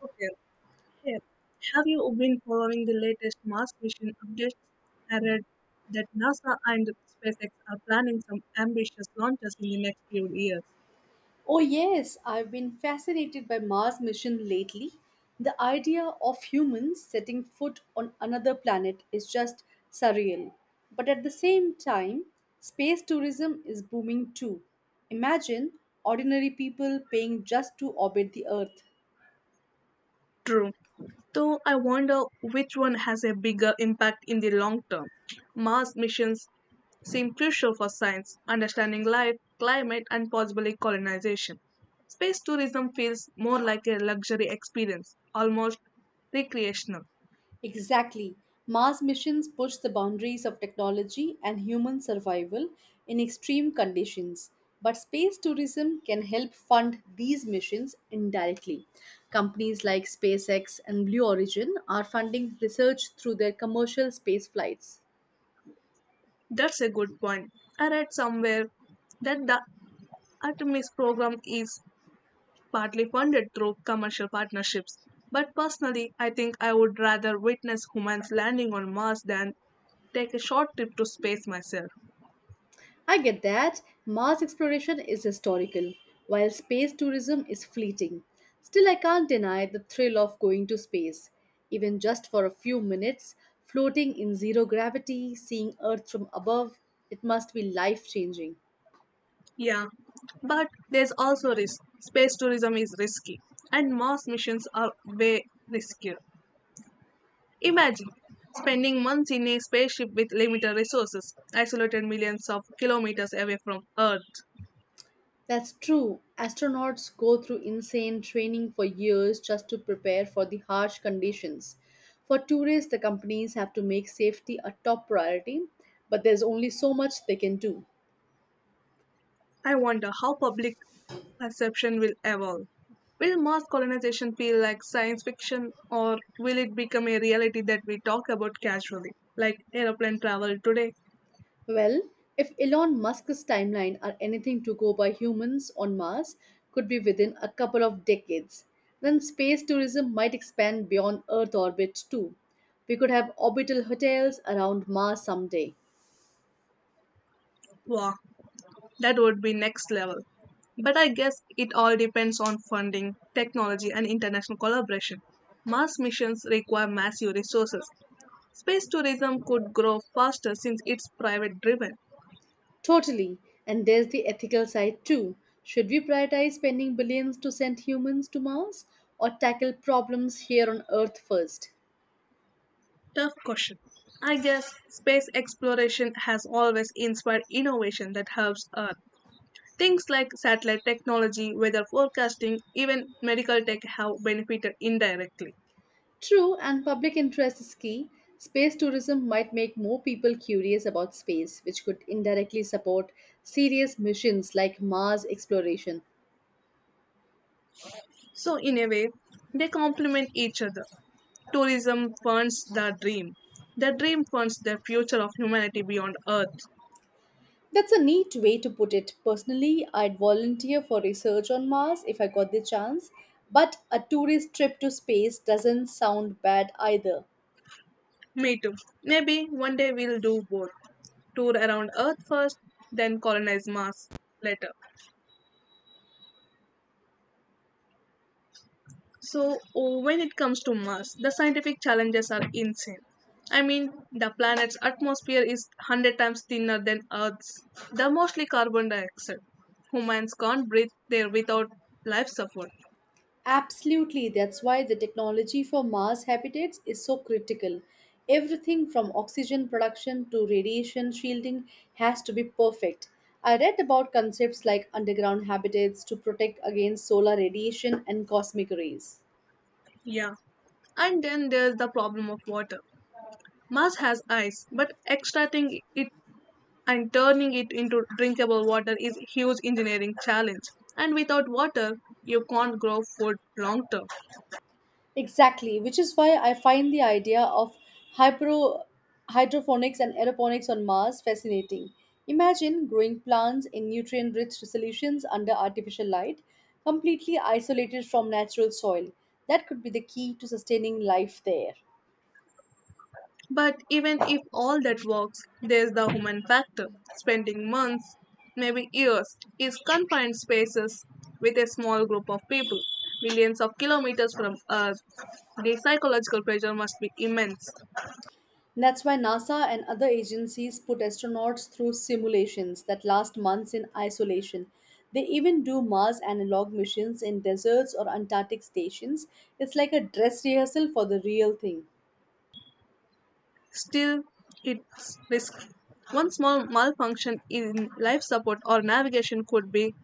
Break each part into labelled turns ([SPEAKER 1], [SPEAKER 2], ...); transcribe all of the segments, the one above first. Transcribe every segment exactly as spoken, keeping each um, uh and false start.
[SPEAKER 1] Okay. Hey, have you been following the latest Mars mission updates? I read that NASA and SpaceX are planning some ambitious launches in the next few years.
[SPEAKER 2] Oh, yes, I've been fascinated by Mars mission lately. The idea of humans setting foot on another planet is just surreal. But at the same time, space tourism is booming too. Imagine ordinary people paying just to orbit the Earth.
[SPEAKER 1] True. Though I wonder which one has a bigger impact in the long term. Mars missions seem crucial for science, understanding life, climate, and possibly colonization. Space tourism feels more like a luxury experience, almost recreational.
[SPEAKER 2] Exactly. Mars missions push the boundaries of technology and human survival in extreme conditions. But space tourism can help fund these missions indirectly. Companies like SpaceX and Blue Origin are funding research through their commercial space flights.
[SPEAKER 1] That's a good point. I read somewhere that the Artemis program is partly funded through commercial partnerships. But personally, I think I would rather witness humans landing on Mars than take a short trip to space myself.
[SPEAKER 2] I get that. Mars exploration is historical, while space tourism is fleeting. Still, I can't deny the thrill of going to space. Even just for a few minutes, floating in zero gravity, seeing Earth from above, it must be life changing.
[SPEAKER 1] Yeah, but there's also risk. Space tourism is risky, and Mars missions are way riskier. Imagine spending months in a spaceship with limited resources, isolated millions of kilometers away from Earth.
[SPEAKER 2] That's true. Astronauts go through insane training for years just to prepare for the harsh conditions. For tourists, the companies have to make safety a top priority, but there's only so much they can do.
[SPEAKER 1] I wonder how public perception will evolve. Will mass colonization feel like science fiction, or will it become a reality that we talk about casually, like aeroplane travel today?
[SPEAKER 2] Well, if Elon Musk's timeline are anything to go by humans on Mars could be within a couple of decades, then space tourism might expand beyond Earth orbit too. We could have orbital hotels around Mars someday.
[SPEAKER 1] Wow, that would be next level. But I guess it all depends on funding, technology, and international collaboration. Mars missions require massive resources. Space tourism could grow faster since it's private driven.
[SPEAKER 2] Totally. And there's the ethical side too. Should we prioritize spending billions to send humans to Mars or tackle problems here on Earth first?
[SPEAKER 1] Tough question. I guess space exploration has always inspired innovation that helps Earth. Things like satellite technology, weather forecasting, even medical tech have benefited indirectly.
[SPEAKER 2] True, and public interest is key. Space tourism might make more people curious about space, which could indirectly support serious missions like Mars exploration.
[SPEAKER 1] So, in a way, they complement each other. Tourism funds the dream. The dream funds the future of humanity beyond Earth.
[SPEAKER 2] That's a neat way to put it. Personally, I'd volunteer for research on Mars if I got the chance, but a tourist trip to space doesn't sound bad either.
[SPEAKER 1] Me too. Maybe one day we'll do both. Tour around Earth first, then colonize Mars later. So, when it comes to Mars, the scientific challenges are insane. I mean, the planet's atmosphere is one hundred times thinner than Earth's. They're mostly carbon dioxide. Humans can't breathe there without life support.
[SPEAKER 2] Absolutely, that's why the technology for Mars habitats is so critical. Everything from oxygen production to radiation shielding has to be perfect. I read about concepts like underground habitats to protect against solar radiation and cosmic rays.
[SPEAKER 1] Yeah. And then there's the problem of water. Mars has ice, but extracting it and turning it into drinkable water is a huge engineering challenge. And without water, you can't grow food long term.
[SPEAKER 2] Exactly, which is why I find the idea of hypro- hydroponics and aeroponics on Mars fascinating. Imagine growing plants in nutrient rich solutions under artificial light, completely isolated from natural soil. That could be the key to sustaining life there.
[SPEAKER 1] But even if all that works, there's the human factor. Spending months, maybe years, in confined spaces with a small group of people, millions of kilometers from Earth. The psychological pressure must be immense.
[SPEAKER 2] That's why NASA and other agencies put astronauts through simulations that last months in isolation. They even do Mars analog missions in deserts or Antarctic stations. It's like a dress rehearsal for the real thing.
[SPEAKER 1] Still, it's risky. One small malfunction in life support or navigation could be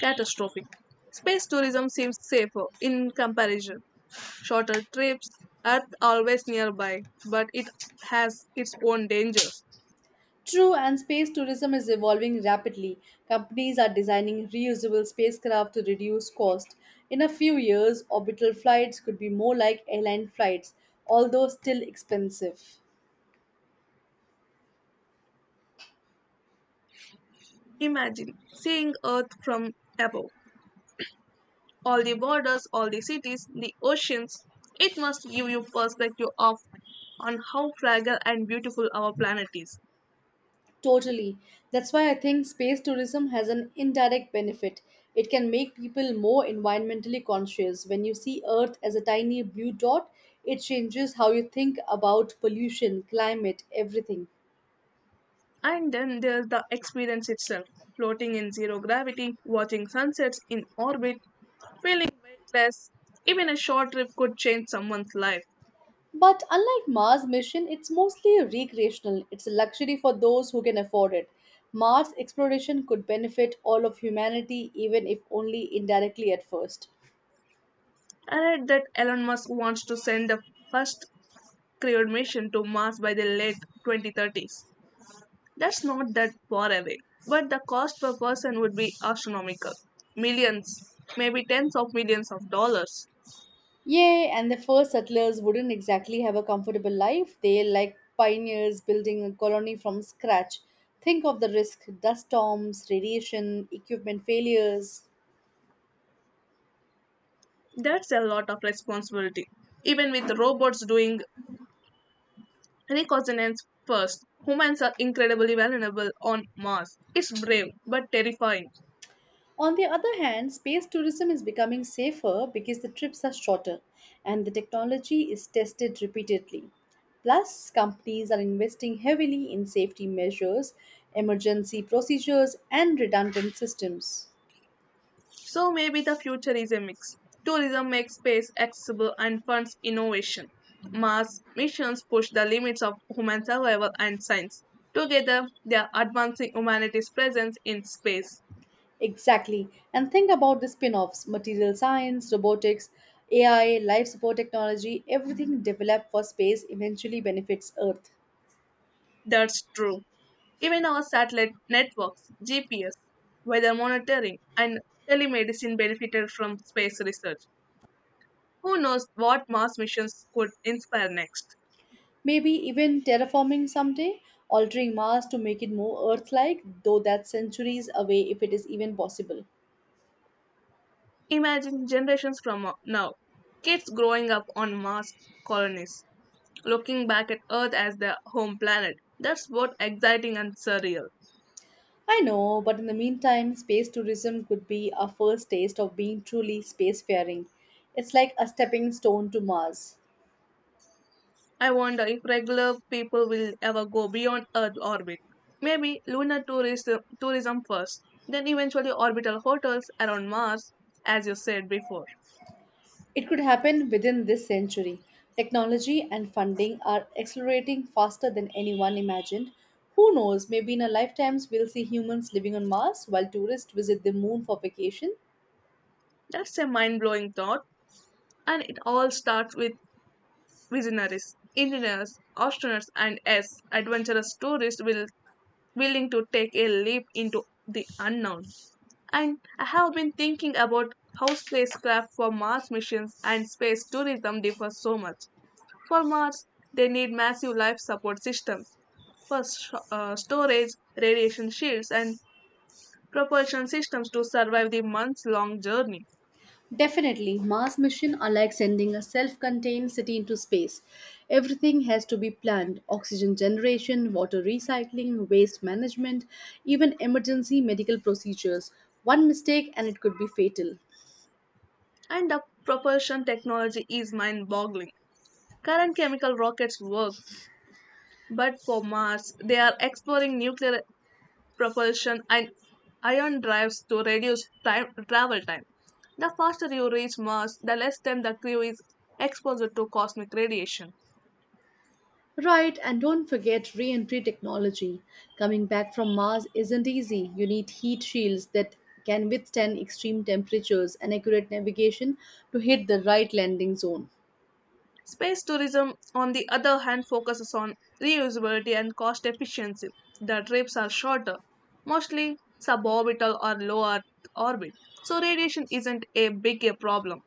[SPEAKER 1] catastrophic. Space tourism seems safer in comparison. Shorter trips, Earth always nearby, but it has its own dangers.
[SPEAKER 2] True, and space tourism is evolving rapidly. Companies are designing reusable spacecraft to reduce cost. In a few years, orbital flights could be more like airline flights, although still expensive.
[SPEAKER 1] Imagine seeing Earth from above. All the borders, all the cities, the oceans. It must give you perspective of on how fragile and beautiful our planet is.
[SPEAKER 2] Totally. That's why I think space tourism has an indirect benefit. It can make people more environmentally conscious. When you see Earth as a tiny blue dot, it changes how you think about pollution, climate, everything.
[SPEAKER 1] And then there's the experience itself. Floating in zero gravity, watching sunsets in orbit, feeling weightless. Even a short trip could change someone's life.
[SPEAKER 2] But unlike Mars mission, it's mostly recreational. It's a luxury for those who can afford it. Mars exploration could benefit all of humanity even if only indirectly at first.
[SPEAKER 1] I read that Elon Musk wants to send the first crewed mission to Mars by the late twenty thirties. That's not that far away, but the cost per person would be astronomical millions, maybe tens of millions of dollars.
[SPEAKER 2] Yay, and the first settlers wouldn't exactly have a comfortable life. They like pioneers building a colony from scratch. Think of the risk dust storms, radiation, equipment failures.
[SPEAKER 1] That's a lot of responsibility. Even with robots doing reconnaissance first, humans are incredibly vulnerable on Mars. It's brave but terrifying.
[SPEAKER 2] On the other hand, space tourism is becoming safer because the trips are shorter and the technology is tested repeatedly. Plus, companies are investing heavily in safety measures, emergency procedures, and redundant systems.
[SPEAKER 1] So maybe the future is a mix. Tourism makes space accessible and funds innovation. Mars missions push the limits of human survival and science. Together, they are advancing humanity's presence in space.
[SPEAKER 2] Exactly. And think about the spin offs material science, robotics, A I, life support technology, everything developed for space eventually benefits Earth.
[SPEAKER 1] That's true. Even our satellite networks, G P S, weather monitoring, and telemedicine benefited from space research. Who knows what Mars missions could inspire next?
[SPEAKER 2] Maybe even terraforming someday, altering Mars to make it more Earth like, though that's centuries away if it is even possible.
[SPEAKER 1] Imagine generations from now, kids growing up on Mars colonies looking back at Earth as their home planet. That's both exciting and surreal.
[SPEAKER 2] I know, but in the meantime, space tourism could be our first taste of being truly spacefaring. It's like a stepping stone to Mars.
[SPEAKER 1] I wonder if regular people will ever go beyond Earth orbit. Maybe lunar tourism, tourism first, then eventually orbital hotels around Mars, as you said before.
[SPEAKER 2] It could happen within this century. Technology and funding are accelerating faster than anyone imagined. Who knows, maybe in our lifetimes we'll see humans living on Mars while tourists visit the moon for vacation.
[SPEAKER 1] That's a mind blowing thought, and it all starts with visionaries, engineers, astronauts, and yes, adventurous tourists will willing to take a leap into the unknown. And I have been thinking about how spacecraft for Mars missions and space tourism differ so much. For Mars, they need massive life support systems for sh- uh, storage, radiation shields, and propulsion systems to survive the months long journey.
[SPEAKER 2] Definitely, Mars missions are like sending a self contained city into space. Everything has to be planned oxygen generation, water recycling, waste management, even emergency medical procedures. One mistake and it could be fatal.
[SPEAKER 1] And the propulsion technology is mind boggling. Current chemical rockets work, but for Mars, they are exploring nuclear propulsion, and ion drives to reduce time, travel time. The faster you reach Mars, the less time the crew is exposed to cosmic radiation.
[SPEAKER 2] Right, and don't forget re entry technology. Coming back from Mars isn't easy. You need heat shields that can withstand extreme temperatures and accurate navigation to hit the right landing zone.
[SPEAKER 1] Space tourism, on the other hand, focuses on reusability and cost efficiency. The trips are shorter, mostly suborbital or low Earth orbit, so radiation isn't a big a problem.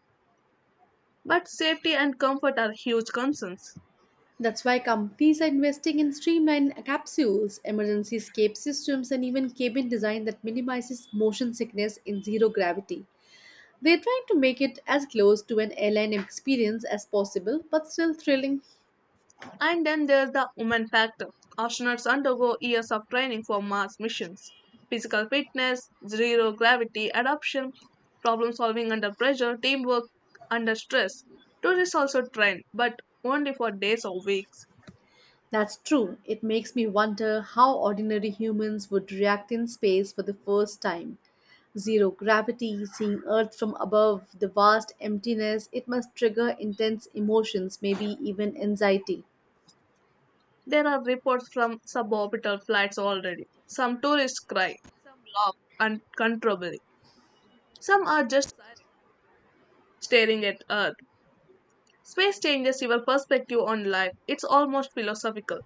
[SPEAKER 1] But safety and comfort are huge concerns.
[SPEAKER 2] That's why companies are investing in streamlined capsules, emergency escape systems, and even cabin design that minimizes motion sickness in zero gravity. They're trying to make it as close to an airline experience as possible, but still thrilling.
[SPEAKER 1] And then there's the woman factor. Astronauts undergo years of training for Mars missions. Physical fitness, zero gravity adaptation, problem solving under pressure, teamwork under stress. Tourists also train, but only for days or weeks.
[SPEAKER 2] That's true. It makes me wonder how ordinary humans would react in space for the first time. Zero gravity, seeing Earth from above, the vast emptiness, it must trigger intense emotions, maybe even anxiety.
[SPEAKER 1] There are reports from suborbital flights already. Some tourists cry, some laugh uncontrollably, some are just silent, staring at Earth. Space changes your perspective on life. It's almost philosophical.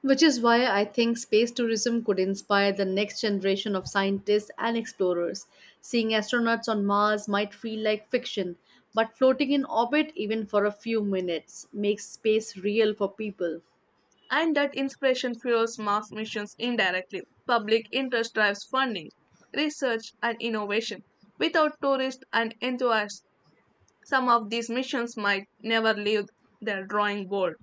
[SPEAKER 2] Which is why I think space tourism could inspire the next generation of scientists and explorers. Seeing astronauts on Mars might feel like fiction, but floating in orbit even for a few minutes makes space real for people.
[SPEAKER 1] And that inspiration fuels mass missions indirectly. Public interest drives funding, research, and innovation. Without tourists and enthusiasts, some of these missions might never leave their drawing board.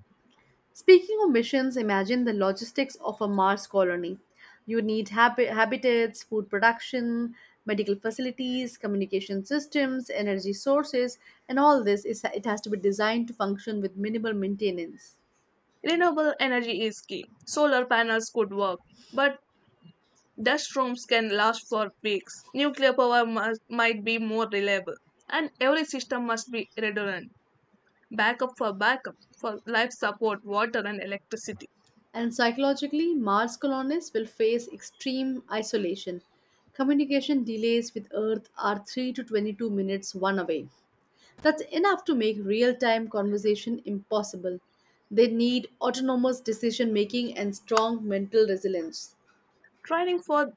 [SPEAKER 2] Speaking of missions, imagine the logistics of a Mars colony. You need hab- habitats, food production, medical facilities, communication systems, energy sources, and all this is it has to be designed to function with minimal maintenance.
[SPEAKER 1] Renewable energy is key. Solar panels could work, but dust storms can last for weeks. Nuclear power must, might be more reliable, and every system must be redundant. Backup for backup for life support, water, and electricity.
[SPEAKER 2] And psychologically, Mars colonists will face extreme isolation. Communication delays with Earth are three to twenty-two minutes one away. That's enough to make real time conversation impossible. They need autonomous decision making and strong mental resilience.
[SPEAKER 1] Training for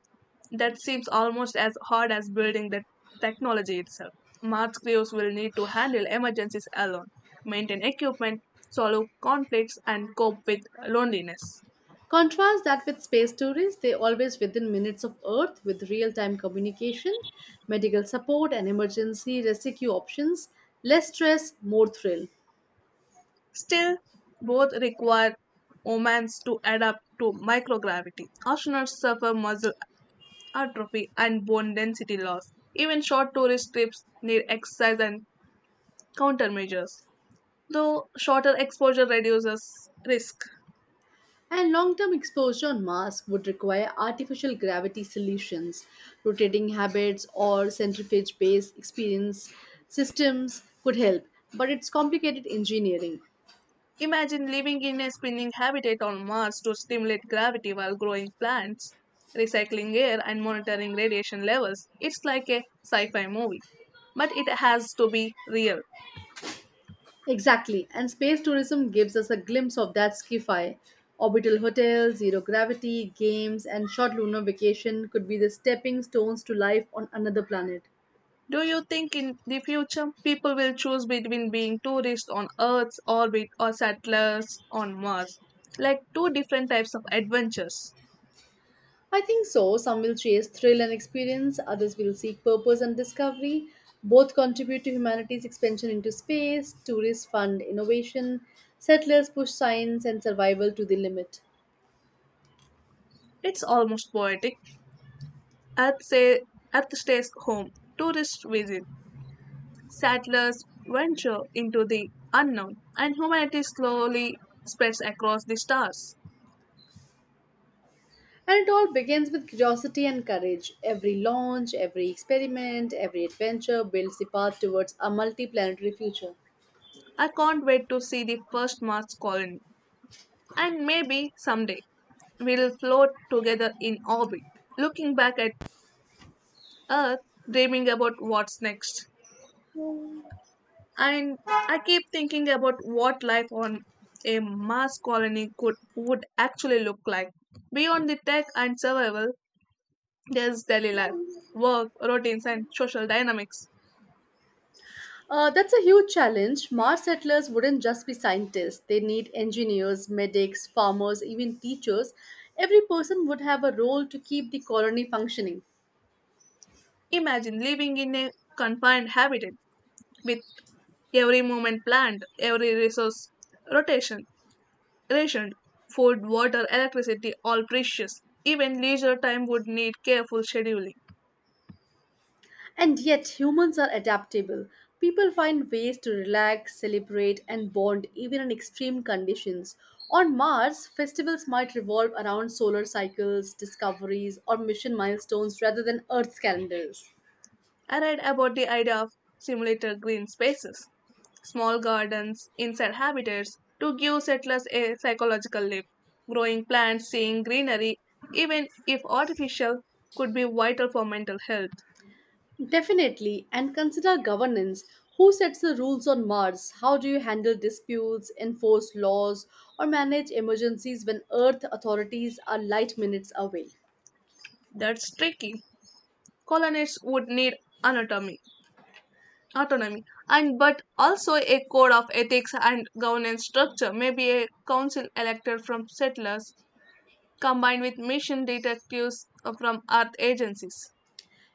[SPEAKER 1] that seems almost as hard as building the technology itself. Math crews will need to handle emergencies alone, maintain equipment, solve conflicts, and cope with loneliness.
[SPEAKER 2] Contrast that with space tourists, they always within minutes of Earth with real time communication, medical support, and emergency rescue options. Less stress, more thrill.
[SPEAKER 1] Still, both require humans to adapt to microgravity. Astronauts suffer muscle atrophy and bone density loss. Even short tourist trips need exercise and countermeasures, though shorter exposure reduces risk.
[SPEAKER 2] And long term exposure on Mars would require artificial gravity solutions, rotating habits, or centrifuge based experience systems could help, but it's complicated engineering.
[SPEAKER 1] Imagine living in a spinning habitat on Mars to stimulate gravity while growing plants, recycling air, and monitoring radiation levels. It's like a sci fi movie. But it has to be real.
[SPEAKER 2] Exactly, and space tourism gives us a glimpse of that sci fi Orbital hotels, zero gravity, games, and short lunar vacation could be the stepping stones to life on another planet.
[SPEAKER 1] Do you think in the future people will choose between being tourists on Earth's orbit or settlers on Mars? Like two different types of adventures.
[SPEAKER 2] I think so. Some will chase thrill and experience, others will seek purpose and discovery. Both contribute to humanity's expansion into space, tourists fund innovation, settlers push science and survival to the limit.
[SPEAKER 1] It's almost poetic. Earth, say, Earth stays home, tourists visit, settlers venture into the unknown, and humanity slowly spreads across the stars.
[SPEAKER 2] And it all begins with curiosity and courage. Every launch, every experiment, every adventure builds the path towards a multi planetary future.
[SPEAKER 1] I can't wait to see the first Mars colony, and maybe someday we'll float together in orbit, looking back at Earth, dreaming about what's next. And I keep thinking about what life on a Mars colony could would actually look like. Beyond the tech and survival, there's daily life, work, routines, and social dynamics.
[SPEAKER 2] Uh, that's a huge challenge. Mars settlers wouldn't just be scientists, they need engineers, medics, farmers, even teachers. Every person would have a role to keep the colony functioning.
[SPEAKER 1] Imagine living in a confined habitat with every moment planned, every resource rotation, rationed, food, water, electricity, all precious. Even leisure time would need careful scheduling.
[SPEAKER 2] And yet, humans are adaptable. People find ways to relax, celebrate, and bond even in extreme conditions. On Mars, festivals might revolve around solar cycles, discoveries, or mission milestones rather than Earth's calendars.
[SPEAKER 1] I read about the idea of simulated green spaces, small gardens inside habitats to give settlers a psychological lift. Growing plants, seeing greenery, even if artificial, could be vital for mental health.
[SPEAKER 2] Definitely, and consider governance. Who sets the rules on Mars? How do you handle disputes, enforce laws, or manage emergencies when Earth authorities are light minutes away?
[SPEAKER 1] That's tricky colonists would need anatomy, autonomy, and but also a code of ethics and governance structure, maybe a council elected from settlers, combined with mission detectives from Earth agencies.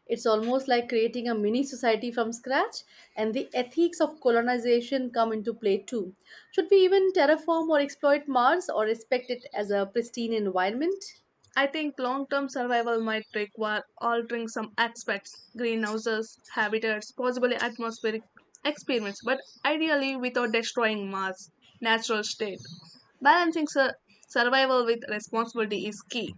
[SPEAKER 2] It's almost like creating a mini society from scratch, and the ethics of colonization come into play too. Should we even terraform or exploit Mars or respect it as a pristine environment?
[SPEAKER 1] I think long term survival might require altering some aspects, greenhouses, habitats, possibly atmospheric experiments, but ideally without destroying Mars' natural state. Balancing sur- survival with responsibility is key.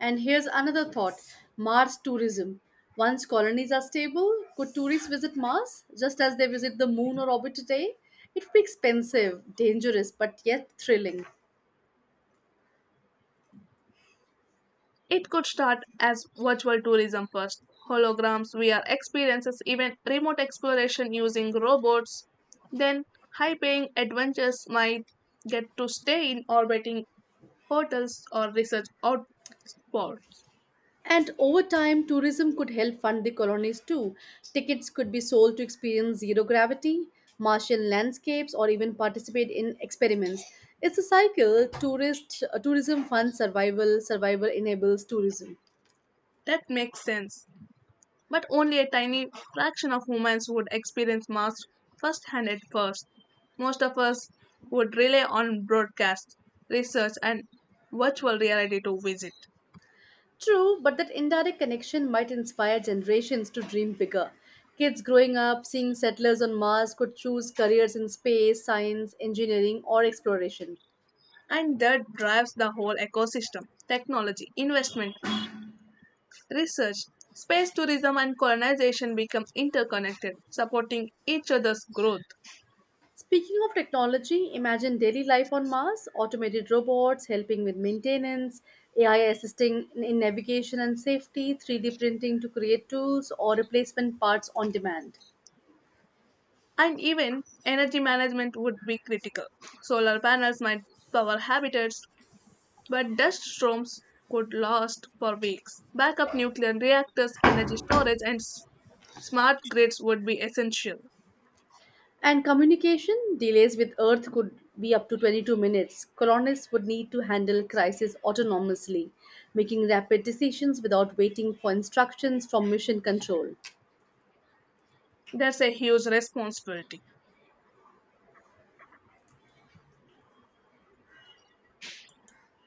[SPEAKER 2] And here's another thought Mars tourism. Once colonies are stable, could tourists visit Mars just as they visit the moon or orbit today? It would be expensive, dangerous, but yet thrilling.
[SPEAKER 1] It could start as virtual tourism first. Holograms, V R experiences, even remote exploration using robots. Then, high paying adventures might get to stay in orbiting hotels or research outspots.
[SPEAKER 2] And over time, tourism could help fund the colonies too. Tickets could be sold to experience zero gravity, Martian landscapes, or even participate in experiments. It's a cycle. Tourist uh, tourism funds survival. Survival enables tourism.
[SPEAKER 1] That makes sense. But only a tiny fraction of humans would experience Mars firsthand at first. Most of us would rely on broadcast, research, and virtual reality to visit.
[SPEAKER 2] True, but that indirect connection might inspire generations to dream bigger. Kids growing up seeing settlers on Mars could choose careers in space, science, engineering, or exploration.
[SPEAKER 1] And that drives the whole ecosystem. Technology, investment, research, space tourism, and colonization become interconnected, supporting each other's growth.
[SPEAKER 2] Speaking of technology, imagine daily life on Mars automated robots helping with maintenance, A I assisting in in navigation and safety, three D printing to create tools, or replacement parts on demand.
[SPEAKER 1] And even energy management would be critical. Solar panels might power habitats, but dust storms could last for weeks. Backup nuclear reactors, energy storage, and s- smart grids would be essential.
[SPEAKER 2] And communication delays with Earth could be up to twenty-two minutes. Colonists would need to handle crisis autonomously, making rapid decisions without waiting for instructions from mission control.
[SPEAKER 1] That's a huge responsibility.